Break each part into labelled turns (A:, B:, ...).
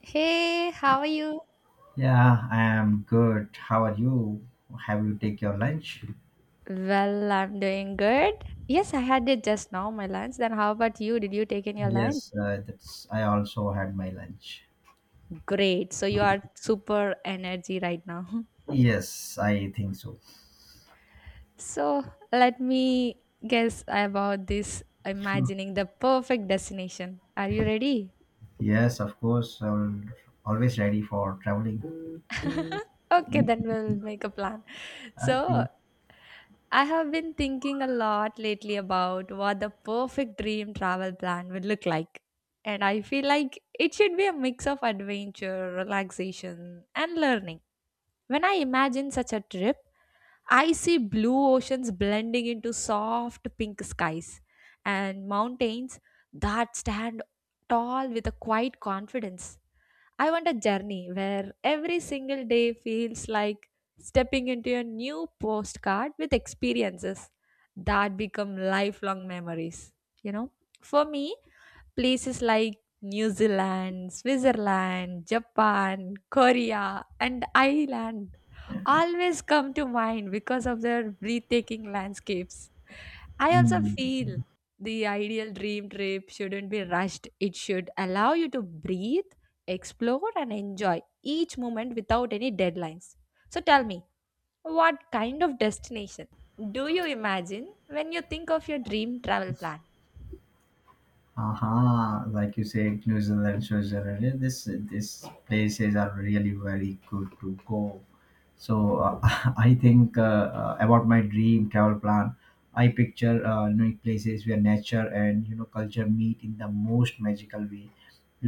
A: Hey, how are you?
B: Yeah, I am good. How are you? Have you take your lunch?
A: Well, I'm doing good. Yes, I had it just now, my lunch. Then how about you? Did you take in your lunch?
B: Yes, that's. I also had my lunch.
A: Great. So you are super energy right now.
B: Yes, I think so.
A: So let me guess about this imagining the perfect destination. Are you ready?
B: Yes, of course. I always ready for traveling.
A: Okay, then we'll make a plan. So
B: Okay.
A: I have been thinking a lot lately about what the perfect dream travel plan would look like. And I feel like it should be a mix of adventure, relaxation, and learning. When I imagine such a trip, I see blue oceans blending into soft pink skies and mountains that stand tall with a quiet confidence. I want a journey where every single day feels like stepping into a new postcard with experiences that become lifelong memories. You know, for me, places like New Zealand, Switzerland, Japan, Korea, and Ireland always come to mind because of their breathtaking landscapes. I also
B: Mm.
A: feel the ideal dream trip shouldn't be rushed. It should allow you to breathe, explore, and enjoy each moment without any deadlines. So tell me, what kind of destination do you imagine when you think of your dream travel plan?
B: Aha, like you said, New Zealand, Switzerland. This places are really very good to go. So I think about my dream travel plan. I picture places where nature and culture meet in the most magical way,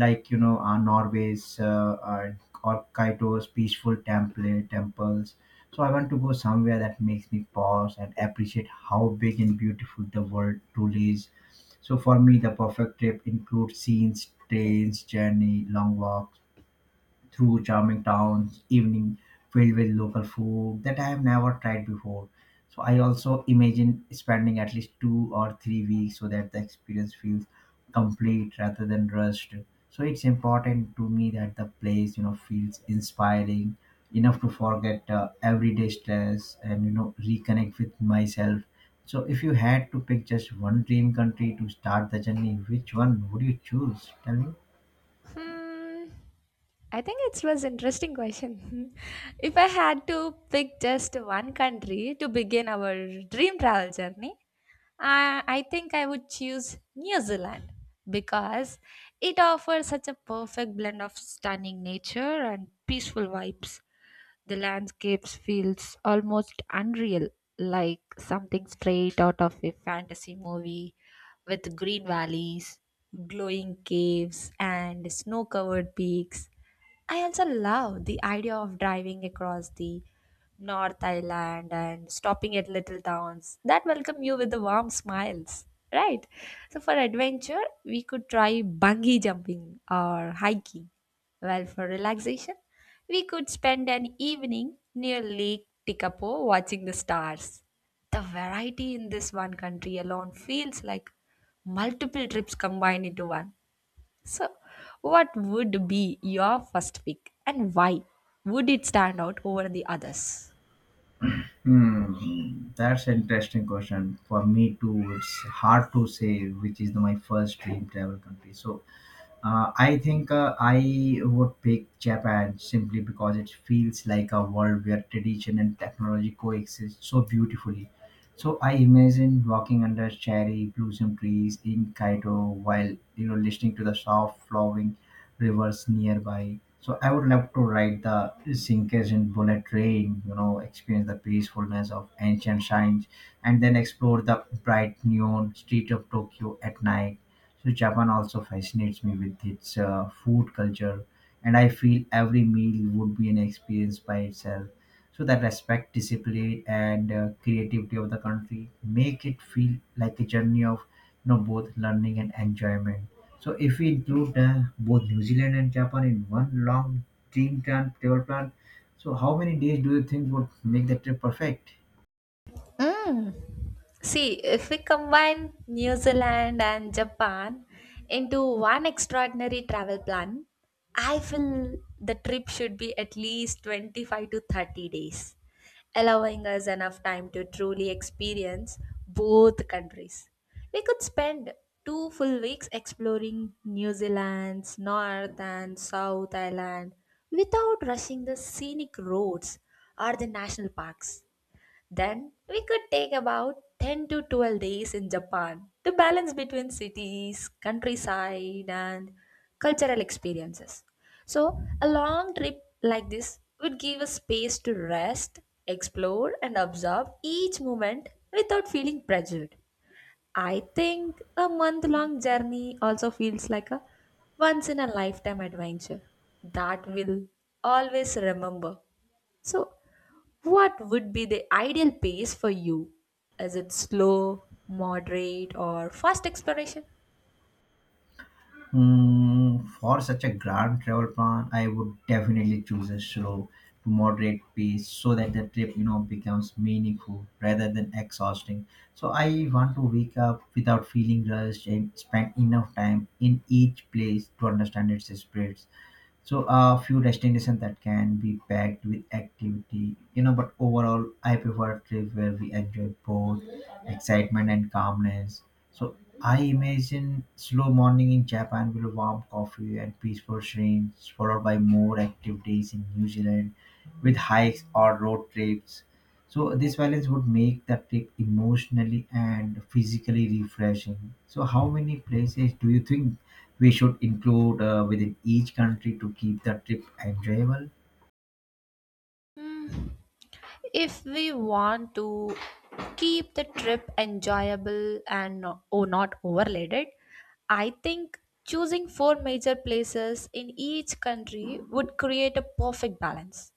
B: like you know Norway's or Kyoto's peaceful temples. So I want to go somewhere that makes me pause and appreciate how big and beautiful the world truly is, so for me, the perfect trip includes scenes, trains, journey, long walks through charming towns, evening filled with local food that I have never tried before. So I also imagine spending at least 2 or 3 weeks so that the experience feels complete rather than rushed. So it's important to me that the place, feels inspiring enough to forget everyday stress and reconnect with myself. So if you had to pick just one dream country to start the journey, which one would you choose? Tell me.
A: Hmm. I think it was interesting question. If I had to pick just one country to begin our dream travel journey, I think I would choose New Zealand because it offers such a perfect blend of stunning nature and peaceful vibes. The landscapes feels almost unreal, like something straight out of a fantasy movie with green valleys, glowing caves, and snow covered peaks. I also love the idea of driving across the North Island and stopping at little towns that welcome you with the warm smiles. Right. So for adventure, we could try bungee jumping or hiking. Well, for relaxation, we could spend an evening near Lake Tikapo watching the stars. The variety in this one country alone feels like multiple trips combined into one. So, what would be your first pick and why would it stand out over the others?
B: Hmm, that's an interesting question. For me too, it's hard to say which is the, my first dream travel country. So I think I would pick Japan simply because it feels like a world where tradition and technology coexist so beautifully. So I imagine walking under cherry blossom trees in Kyoto while listening to the soft flowing rivers nearby. So I would love to ride the Shinkansen bullet train, you know, experience the peacefulness of ancient shrines, and then explore the bright neon street of Tokyo at night. So Japan also fascinates me with its food culture, and I feel every meal would be an experience by itself. So that respect, discipline, and creativity of the country make it feel like a journey of both learning and enjoyment. So if we include both New Zealand and Japan in one long travel plan, so how many days do you think would make the trip perfect?
A: Mm. See, if we combine New Zealand and Japan into one extraordinary travel plan, I feel the trip should be at least 25 to 30 days, allowing us enough time to truly experience both countries. We could spend 2 full weeks exploring New Zealand's North and South Island without rushing the scenic roads or the national parks, then we could take about 10 to 12 days in Japan to balance between cities, countryside, and cultural experiences. So, a long trip like this would give us space to rest, explore, and absorb each moment without feeling pressured. I think a month long journey also feels like a once in a lifetime adventure that we'll always remember. So, what would be the ideal pace for you? Is it slow, moderate, or fast exploration?
B: Mm, for such a grand travel plan, I would definitely choose a slow to moderate pace so that the trip, you know, becomes meaningful rather than exhausting. So I want to wake up without feeling rushed and spend enough time in each place to understand its spirits. So a few destinations that can be packed with activity, you know. But overall, I prefer trip where we enjoy both excitement and calmness. So I imagine slow morning in Japan with a warm coffee and peaceful scenes, followed by more activities in New Zealand with hikes or road trips. So this balance would make the trip emotionally and physically refreshing. So how many places do you think we should include within each country to keep the trip enjoyable.
A: Hmm. If we want to keep the trip enjoyable and not overloaded, I think choosing four major places in each country would create a perfect balance.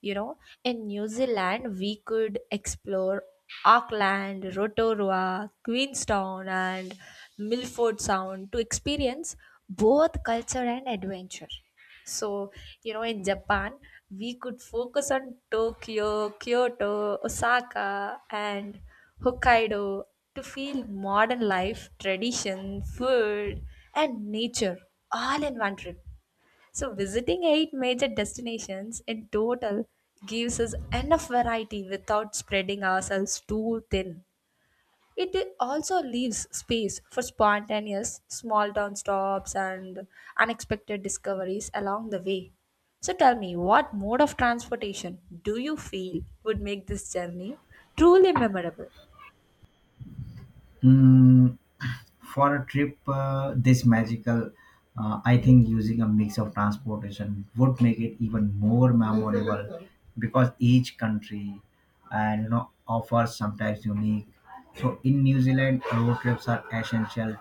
A: You know, in New Zealand, we could explore Auckland, Rotorua, Queenstown, and Milford Sound to experience both culture and adventure. So, you know, in Japan, we could focus on Tokyo, Kyoto, Osaka, and Hokkaido to feel modern life, tradition, food, and nature all in one trip. So, visiting eight major destinations in total gives us enough variety without spreading ourselves too thin. It also leaves space for spontaneous small town stops and unexpected discoveries along the way. So tell me, what mode of transportation do you feel would make this journey truly memorable?
B: Mm, for a trip this magical, I think using a mix of transportation would make it even more memorable because each country and offers sometimes unique. So in New Zealand, road trips are essential,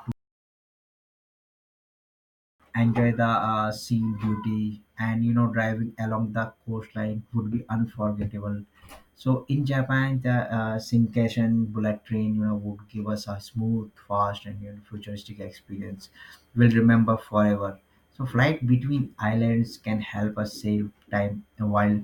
B: enjoy the scene beauty and driving along the coastline would be unforgettable. So in Japan, the Shinkansen bullet train, you know, would give us a smooth, fast, and you know, futuristic experience we'll remember forever. So flight between islands can help us save time while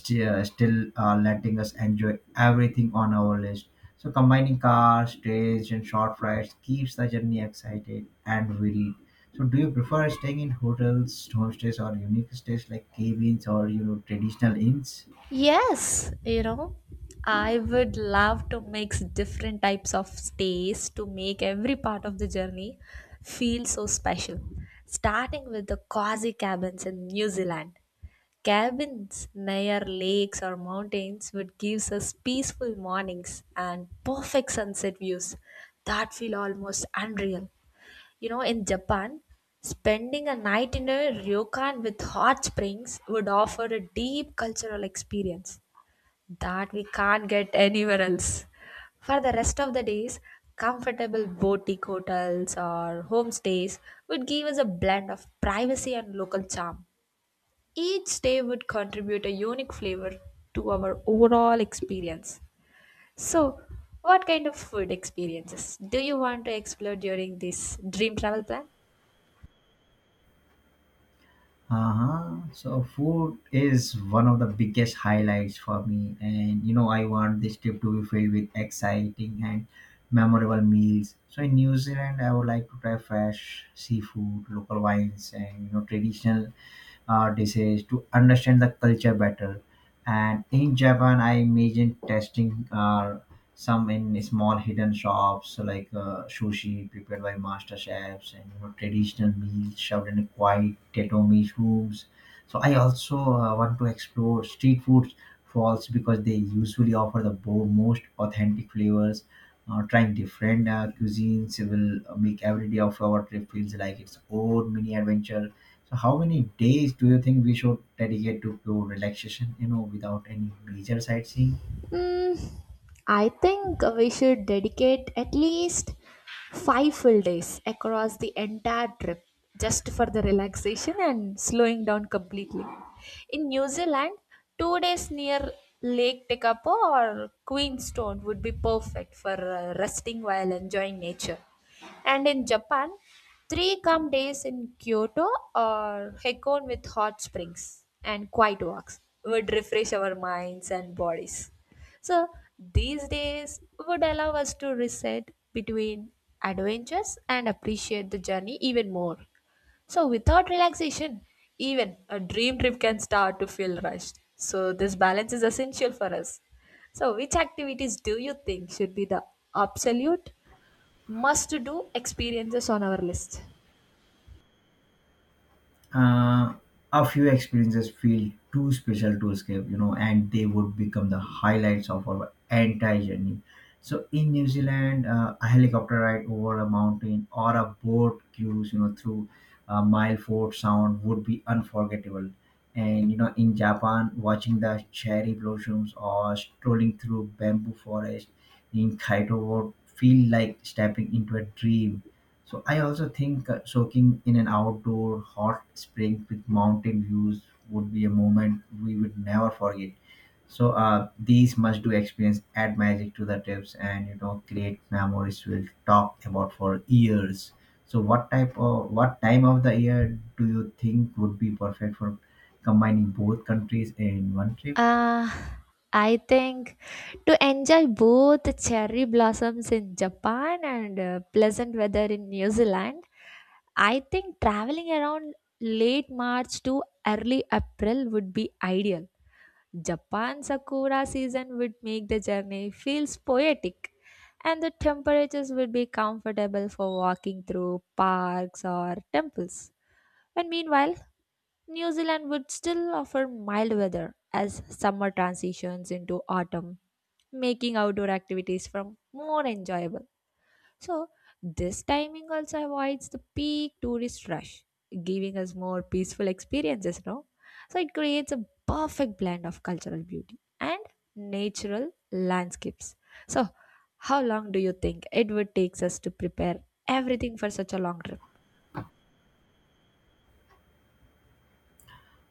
B: still letting us enjoy everything on our list. So combining cars, trains, and short flights keeps the journey exciting and varied. So do you prefer staying in hotels, homestays, or unique stays like cabins or traditional inns?
A: Yes, you know, I would love to mix different types of stays to make every part of the journey feel so special. Starting with the cozy cabins in New Zealand. Cabins near lakes or mountains would give us peaceful mornings and perfect sunset views that feel almost unreal. You know, in Japan, spending a night in a ryokan with hot springs would offer a deep cultural experience that we can't get anywhere else. For the rest of the days, comfortable boutique hotels or homestays would give us a blend of privacy and local charm. Each day would contribute a unique flavor to our overall experience. So, what kind of food experiences do you want to explore during this dream travel plan?
B: Uh-huh. So food is one of the biggest highlights for me, and you know I want this trip to be filled with exciting and memorable meals. So in New Zealand, I would like to try fresh seafood, local wines, and you know traditional disease to understand the culture better. And in Japan, I imagine testing some in small hidden shops like sushi prepared by master chefs and you know, traditional meals served in quiet tatami rooms. So I also want to explore street foods falls because they usually offer the most authentic flavors. Trying different cuisines will make every day of our trip feels like its own mini adventure. So, how many days do you think we should dedicate to pure relaxation, you know, without any major sightseeing?
A: Mm, I think we should dedicate at least 5 full days across the entire trip just for the relaxation and slowing down completely. In New Zealand, 2 days near Lake Tekapo or Queenstown would be perfect for resting while enjoying nature. And in Japan, 3 calm days in Kyoto or Hakone with hot springs and quiet walks would refresh our minds and bodies. So these days would allow us to reset between adventures and appreciate the journey even more. So without relaxation, even a dream trip can start to feel rushed. So this balance is essential for us. So which activities do you think should be the absolute must do experiences on our list?
B: uh, a few experiences feel too special to escape, you know, and they would become the highlights of our entire journey. So in New Zealand, a helicopter ride over a mountain or a boat cruise, you know, through Mileford Sound would be unforgettable. And you know, in Japan, watching the cherry blossoms or strolling through bamboo forest in Kyoto would feel like stepping into a dream. So I also think soaking in an outdoor hot spring with mountain views would be a moment we would never forget. So these must-do experience add magic to the trips, and you know create memories we'll talk about for years. So what time of the year do you think would be perfect for combining both countries in one trip?
A: Uh, I think to enjoy both cherry blossoms in Japan and pleasant weather in New Zealand, I think traveling around late March to early April would be ideal. Japan Sakura season would make the journey feels poetic and the temperatures would be comfortable for walking through parks or temples. And meanwhile, New Zealand would still offer mild weather as summer transitions into autumn, making outdoor activities from more enjoyable. So, this timing also avoids the peak tourist rush, giving us more peaceful experiences, no? So, it creates a perfect blend of cultural beauty and natural landscapes. So, how long do you think it would take us to prepare everything for such a long trip?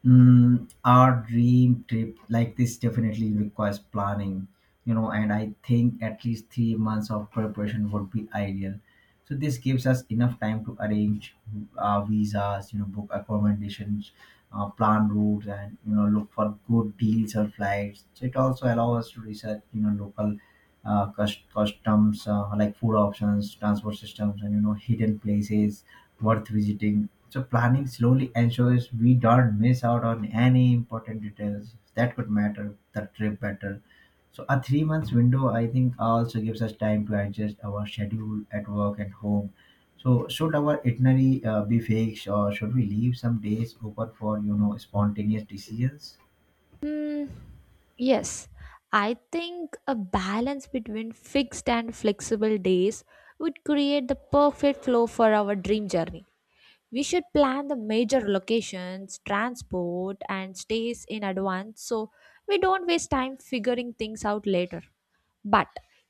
B: Mm, our dream trip like this definitely requires planning, you know, and I think at least 3 months of preparation would be ideal. So this gives us enough time to arrange visas, you know, book accommodations, plan routes, and you know, look for good deals or flights. So it also allows us to research, you know, local customs like food options, transport systems, and you know, hidden places worth visiting. So planning slowly ensures we don't miss out on any important details that could matter the trip better. So a 3 months window I think also gives us time to adjust our schedule at work and home. So should our itinerary be fixed or should we leave some days open for you know spontaneous decisions?
A: Hmm. Yes, I think a balance between fixed and flexible days would create the perfect flow for our dream journey. We should plan the major locations, transport, and stays in advance so we don't waste time figuring things out later. But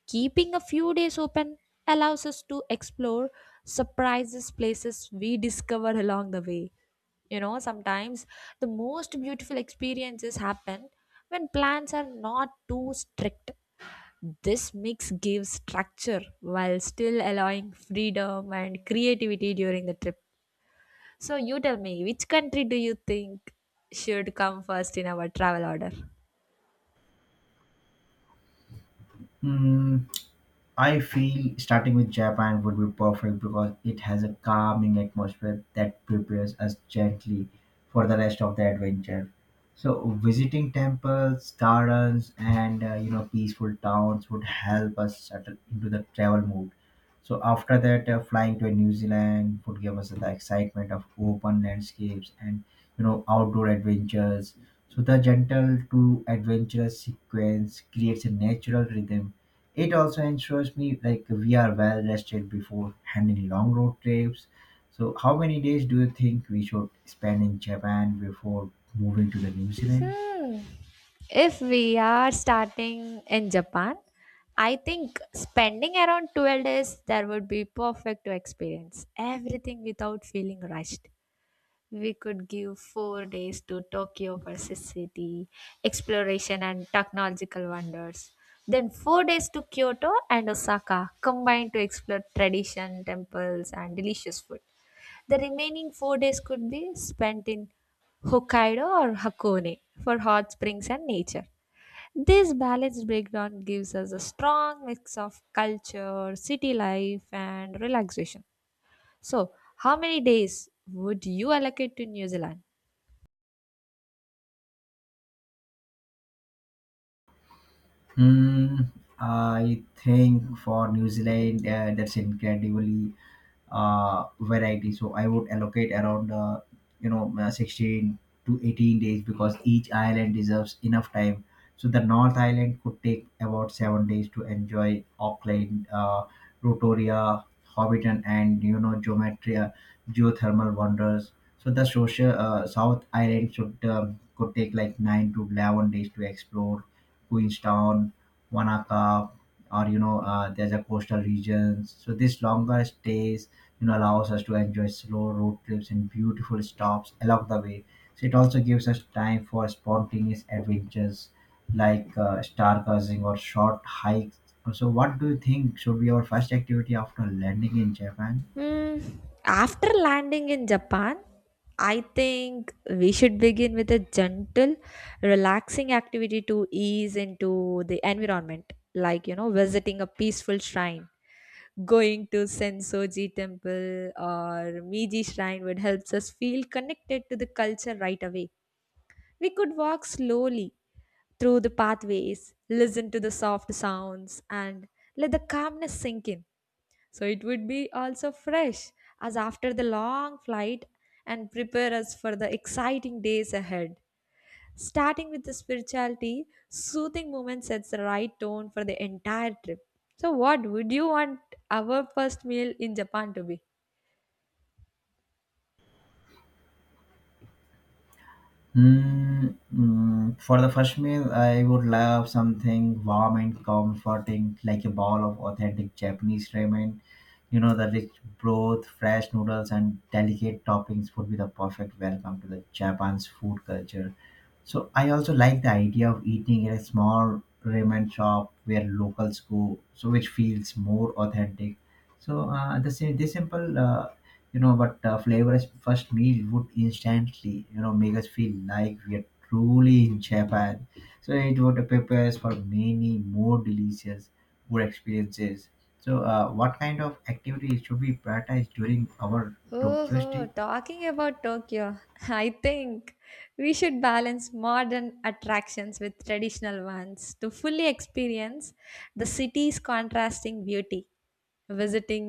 A: keeping a few days open allows us to explore surprises places we discover along the way. You know, sometimes the most beautiful experiences happen when plans are not too strict. This mix gives structure while still allowing freedom and creativity during the trip. So you tell me, which country do you think should come first in our travel order?
B: Hmm, I feel starting with Japan would be perfect because it has a calming atmosphere that prepares us gently for the rest of the adventure. So visiting temples, gardens, and peaceful towns would help us settle into the travel mood. So after that, flying to New Zealand would give us the excitement of open landscapes and outdoor adventures. So the gentle to adventurous sequence creates a natural rhythm. It also ensures me like we are well rested before handling long road trips. So, how many days do you think we should spend in Japan before moving to the New Zealand?
A: Hmm. If we are starting in Japan, I think spending around 12 days there would be perfect to experience everything without feeling rushed. We could give 4 days to Tokyo versus city, exploration and technological wonders. Then 4 days to Kyoto and Osaka combined to explore tradition, temples and delicious food. The remaining 4 days could be spent in Hokkaido or Hakone for hot springs and nature. This balanced breakdown gives us a strong mix of culture, city life, and relaxation. So, how many days would you allocate to New Zealand?
B: Hmm, I think for New Zealand, that's incredibly variety. So I would allocate around, 16 to 18 days because each island deserves enough time. So the North Island could take about 7 days to enjoy Auckland, Rotoria, Hobbiton, and you know, geothermal wonders. So the social South Island should could take like 9 to 11 days to explore Queenstown, Wanaka, or you know, there's a coastal regions. So these longer stays, you know, allows us to enjoy slow road trips and beautiful stops along the way. So it also gives us time for spontaneous adventures like stargazing or short hikes. So what do you think should be our first activity after landing in Japan?
A: Hmm, after landing in Japan, I think we should begin with a gentle, relaxing activity to ease into the environment, like, you know, visiting a peaceful shrine. Going to Sensoji temple or Meiji shrine would help us feel connected to the culture right away. We could walk slowly through the pathways, listen to the soft sounds and let the calmness sink in. So it would be also fresh as after the long flight and prepare us for the exciting days ahead. Starting with the spirituality, soothing moment sets the right tone for the entire trip. So, what would you want our first meal in Japan to be?
B: Hmm. For the first meal, I would love something warm and comforting, like a bowl of authentic Japanese ramen. You know, the rich broth, fresh noodles, and delicate toppings would be the perfect welcome to the Japan's food culture. So I also like the idea of eating in a small ramen shop where locals go, so which feels more authentic. So the same, this simple, but flavorous first meal would instantly, you know, make us feel like we are truly in Japan. So it would prepare for many more delicious food experiences. So what kind of activities should we prioritize during our
A: Oh,
B: Tokyo
A: ho,
B: stay?
A: talking about Tokyo, I think we should balance modern attractions with traditional ones to fully experience the city's contrasting beauty. Visiting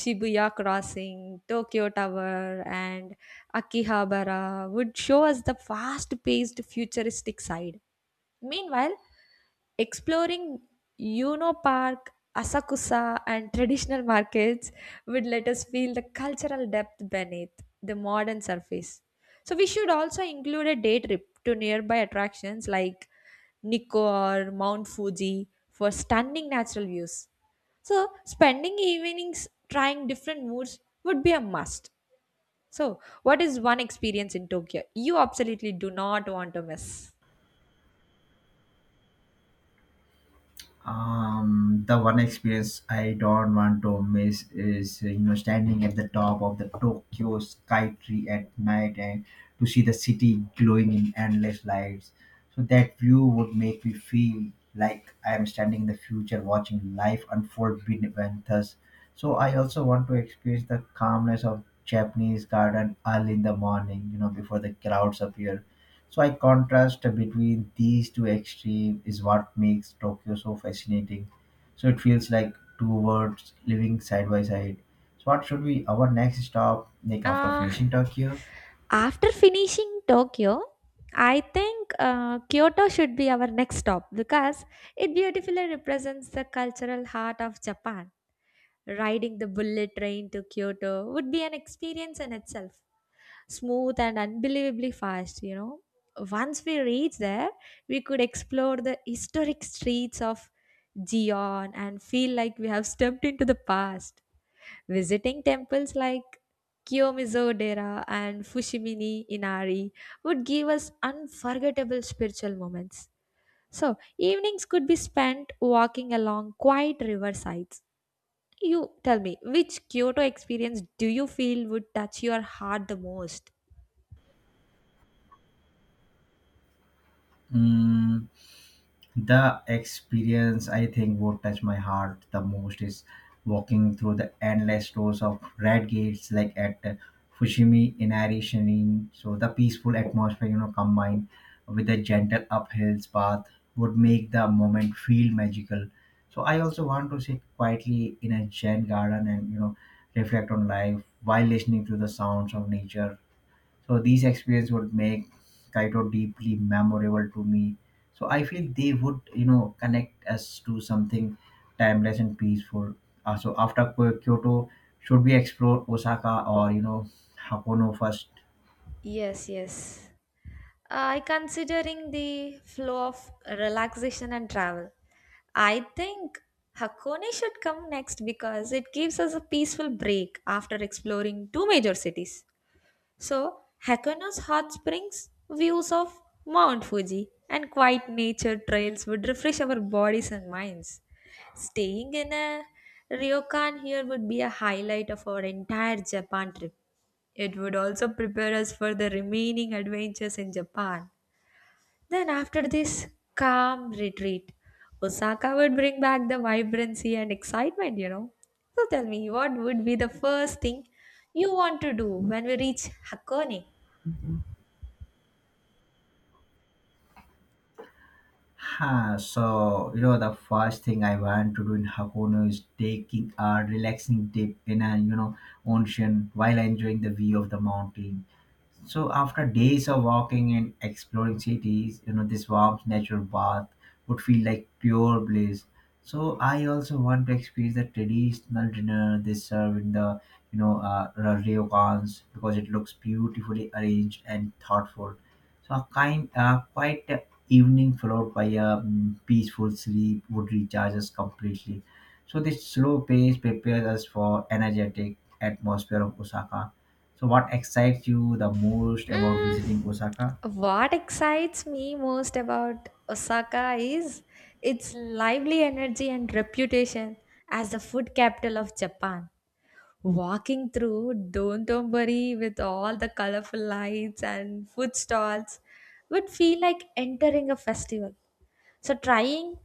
A: Shibuya Crossing, Tokyo Tower, and Akihabara would show us the fast paced futuristic side. Meanwhile, exploring Yuno Park, Asakusa, and traditional markets would let us feel the cultural depth beneath the modern surface. So, we should also include a day trip to nearby attractions like Nikko or Mount Fuji for stunning natural views. So, spending evenings trying different moods would be a must. So, what is one experience in Tokyo you absolutely do not want to miss?
B: Um, the one experience I don't want to miss is standing at the top of the Tokyo Sky Tree at night and to see the city glowing in endless lights. So that view would make me feel like I am standing in the future watching life unfold beneath us. So I also want to experience the calmness of Japanese garden early in the morning, you know, before the crowds appear. So I contrast between these two extremes is what makes Tokyo so fascinating. So it feels like two worlds living side by side. So what should be our next stop like after
A: Uh,
B: finishing Tokyo?
A: After finishing Tokyo, I think Kyoto should be our next stop because it beautifully represents the cultural heart of Japan. Riding the bullet train to Kyoto would be an experience in itself, smooth and unbelievably fast, you know. Once we reach there, we could explore the historic streets of Gion and feel like we have stepped into the past. Visiting temples like Kiyomizu-dera and Fushimi Inari would give us unforgettable spiritual moments. So, evenings could be spent walking along quiet riversides. You tell me, which Kyoto experience do you feel would touch your heart the most?
B: Hmm. The experience I think what touched my heart the most is walking through the endless rows of red gates like at Fushimi Inari shining, so the peaceful atmosphere, you know, combined with the gentle uphills path would make the moment feel magical. So I also want to sit quietly in a Zen garden and, you know, reflect on life while listening to the sounds of nature. So these experiences would make Kaido deeply memorable to me. So I feel they would, you know, connect us to something timeless and peaceful. So after Kyoto, should we explore Osaka or, you know, Hakono first?
A: Yes, yes. I considering the flow of relaxation and travel. I think Hakone should come next because it gives us a peaceful break after exploring two major cities. So, Hakone's hot springs, views of Mount Fuji, and quiet nature trails would refresh our bodies and minds. Staying in a ryokan here would be a highlight of our entire Japan trip. It would also prepare us for the remaining adventures in Japan. Then, after this calm retreat, Osaka would bring back the vibrancy and excitement, you know. So, tell me, what would be the first thing you want to do when we reach Hakone?
B: Huh, so, you know, the first thing I want to do in Hakono is taking a relaxing dip in a, you know, ocean while enjoying the view of the mountain. So after days of walking and exploring cities, you know, this warm natural bath would feel like pure bliss. So I also want to experience the traditional dinner they serve in the, you know, ryokans, because it looks beautifully arranged and thoughtful. So a kind, quiet evening followed by a peaceful sleep would recharge us completely. So this slow pace prepares us for energetic atmosphere of Osaka. So, what excites you the most about
A: Mm,
B: visiting Osaka?
A: what excites me most about Osaka is its lively energy and reputation as the food capital of Japan. Walking through Dontombari with all the colorful lights and food stalls would feel like entering a festival. So trying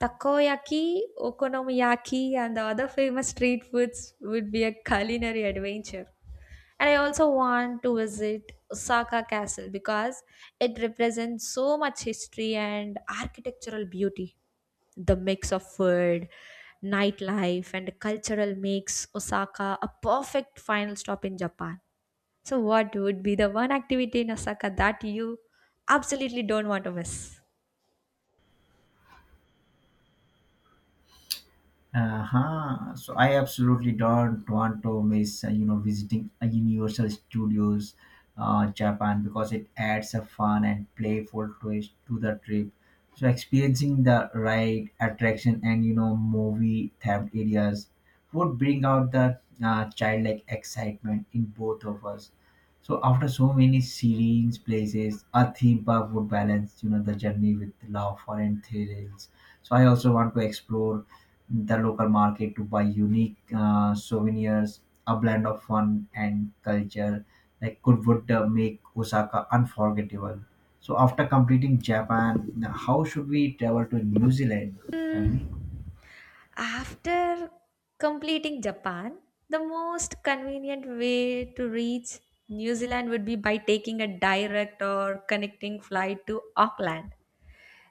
A: takoyaki, okonomiyaki and the other famous street foods would be a culinary adventure. And I also want to visit Osaka Castle because it represents so much history and architectural beauty. The mix of food, nightlife, and cultural makes Osaka a perfect final stop in Japan. So, what would be the one activity in Osaka that you absolutely don't want to miss?
B: Uh-huh. So I absolutely don't want to miss, you know, visiting a Universal Studios, Japan, because it adds a fun and playful twist to the trip. So experiencing the ride, attraction, and, you know, movie themed areas would bring out the childlike excitement in both of us. So after so many serene places, a theme park would balance, you know, the journey with laughter and thrills. So I also want to explore the local market to buy unique souvenirs, a blend of fun and culture, like could would make Osaka unforgettable. So after completing Japan, now how should we travel to New Zealand? Tell
A: Hmm.
B: me.
A: After completing Japan, the most convenient way to reach New Zealand would be by taking a direct or connecting flight to Auckland.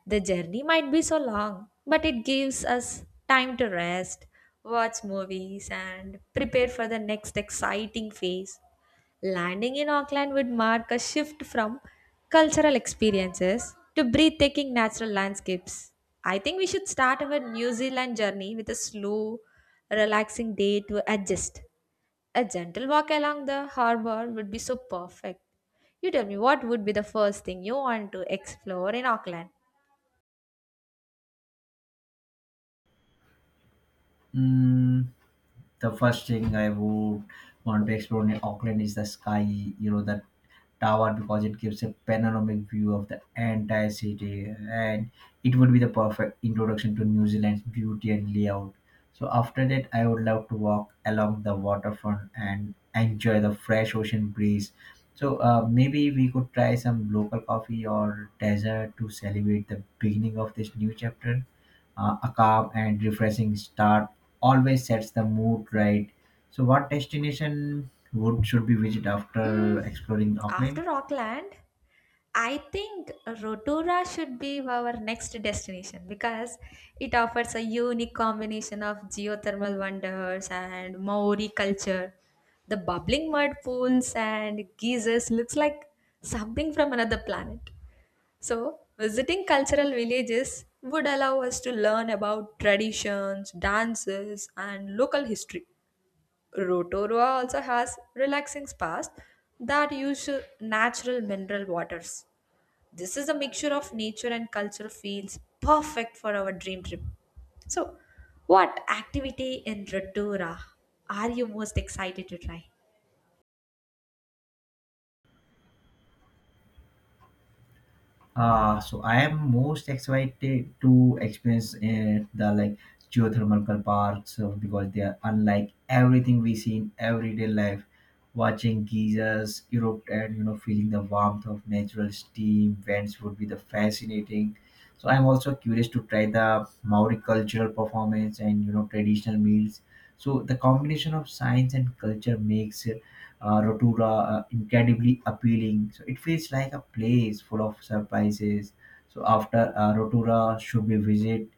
A: The journey might be so long, but it gives us time to rest, watch movies, and prepare for the next exciting phase. Landing in Auckland would mark a shift from cultural experiences to breathtaking natural landscapes. I think we should start our New Zealand journey with a slow, relaxing day to adjust. A gentle walk along the harbor would be so perfect. You tell me, what would be the first thing you want to explore in Auckland?
B: Mm, the first thing I would want to explore in Auckland is the sky, you know, that tower, because it gives a panoramic view of the entire city, and it would be the perfect introduction to New Zealand's beauty and layout. So after that I would love to walk along the waterfront and enjoy the fresh ocean breeze. So maybe we could try some local coffee or dessert to celebrate the beginning of this new chapter. A calm and refreshing start always sets the mood right. So what destination would should be visited after
A: Mm,
B: exploring Auckland?
A: after Auckland, I think Rotorua should be our next destination because it offers a unique combination of geothermal wonders and Maori culture. The bubbling mud pools and geysers looks like something from another planet. So, visiting cultural villages would allow us to learn about traditions, dances, and local history. Rotorua also has relaxing spas that use natural mineral waters. This is a mixture of nature and culture feels perfect for our dream trip. So, what activity in Rotorua are you most excited to try?
B: So I am most excited to experience the like geothermal parks, because they are unlike everything we see in everyday life. Watching geysers erupt and, you know, feeling the warmth of natural steam vents would be the fascinating. So I'm also curious to try the Maori cultural performance and, you know, traditional meals. So the combination of science and culture makes Rotura incredibly appealing. So it feels like a place full of surprises. So after Rotura, should we visit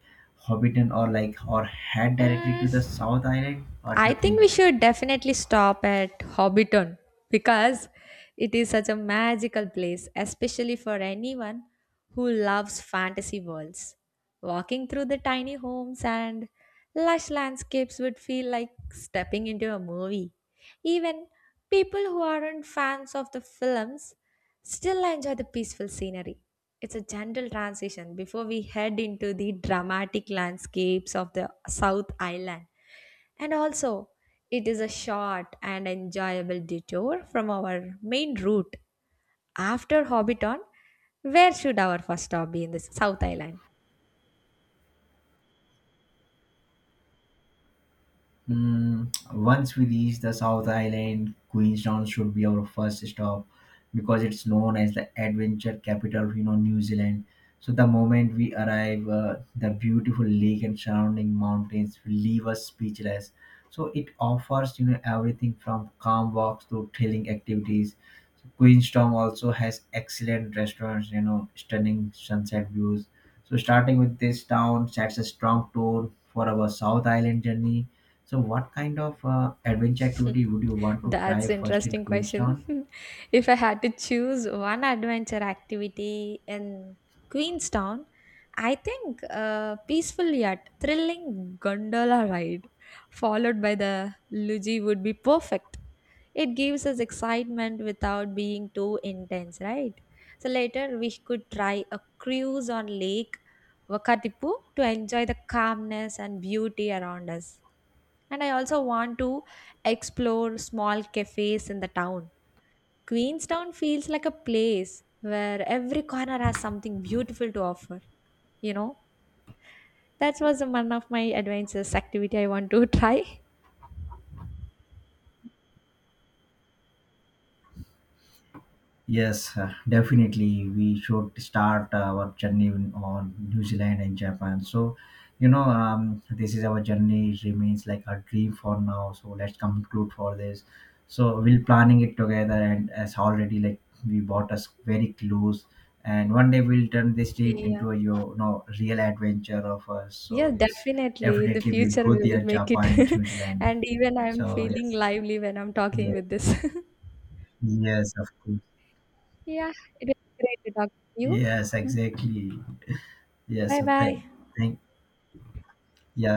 B: Hobbiton, or like or head directly to the South Island? What do
A: I
B: you
A: think
B: think?
A: we should definitely stop at Hobbiton because it is such a magical place, especially for anyone who loves fantasy worlds. Walking through the tiny homes and lush landscapes would feel like stepping into a movie. Even people who aren't fans of the films still enjoy the peaceful scenery. It's a gentle transition before we head into the dramatic landscapes of the South Island. And also, it is a short and enjoyable detour from our main route. After Hobbiton, where should our first stop be in this South Island?
B: Mm, once we reach the South Island, Queenstown should be our first stop, because it's known as the adventure capital of, you know, New Zealand. So the moment we arrive, the beautiful lake and surrounding mountains will leave us speechless. So it offers, you know, everything from calm walks to thrilling activities. Queenstown also has excellent restaurants, you know, stunning sunset views. So starting with this town sets a strong tone for our South Island journey. So what kind of adventure activity would you want to try
A: That's
B: first in
A: interesting
B: Queenstown?
A: question. If I had to choose one adventure activity in Queenstown, I think a peaceful yet thrilling gondola ride followed by the luge would be perfect. It gives us excitement without being too intense, right? So later we could try a cruise on Lake Wakatipu to enjoy the calmness and beauty around us. And I also want to explore small cafes in the town. Queenstown feels like a place where every corner has something beautiful to offer, you know? That was one of my adventures activity I want to try.
B: Yes, definitely. We should start our journey on New Zealand and Japan. So, this is our journey. It remains like a dream for now. So let's conclude for this. So we're planning it together, and as already like we bought us very close, and one day we'll turn this dream
A: Yeah.
B: into a, you know, real adventure of us. So
A: Yeah,
B: yes,
A: definitely. In the
B: definitely we'll
A: future,
B: go
A: we will
B: there,
A: make it.
B: Japan and New Zealand.
A: And even I'm
B: So
A: feeling
B: yes,
A: lively when I'm talking
B: yeah,
A: with this.
B: yes, of course,
A: Yeah, it was great to talk to you.
B: yes, exactly. Yes,
A: Bye
B: so
A: bye.
B: thank, thank, yeah,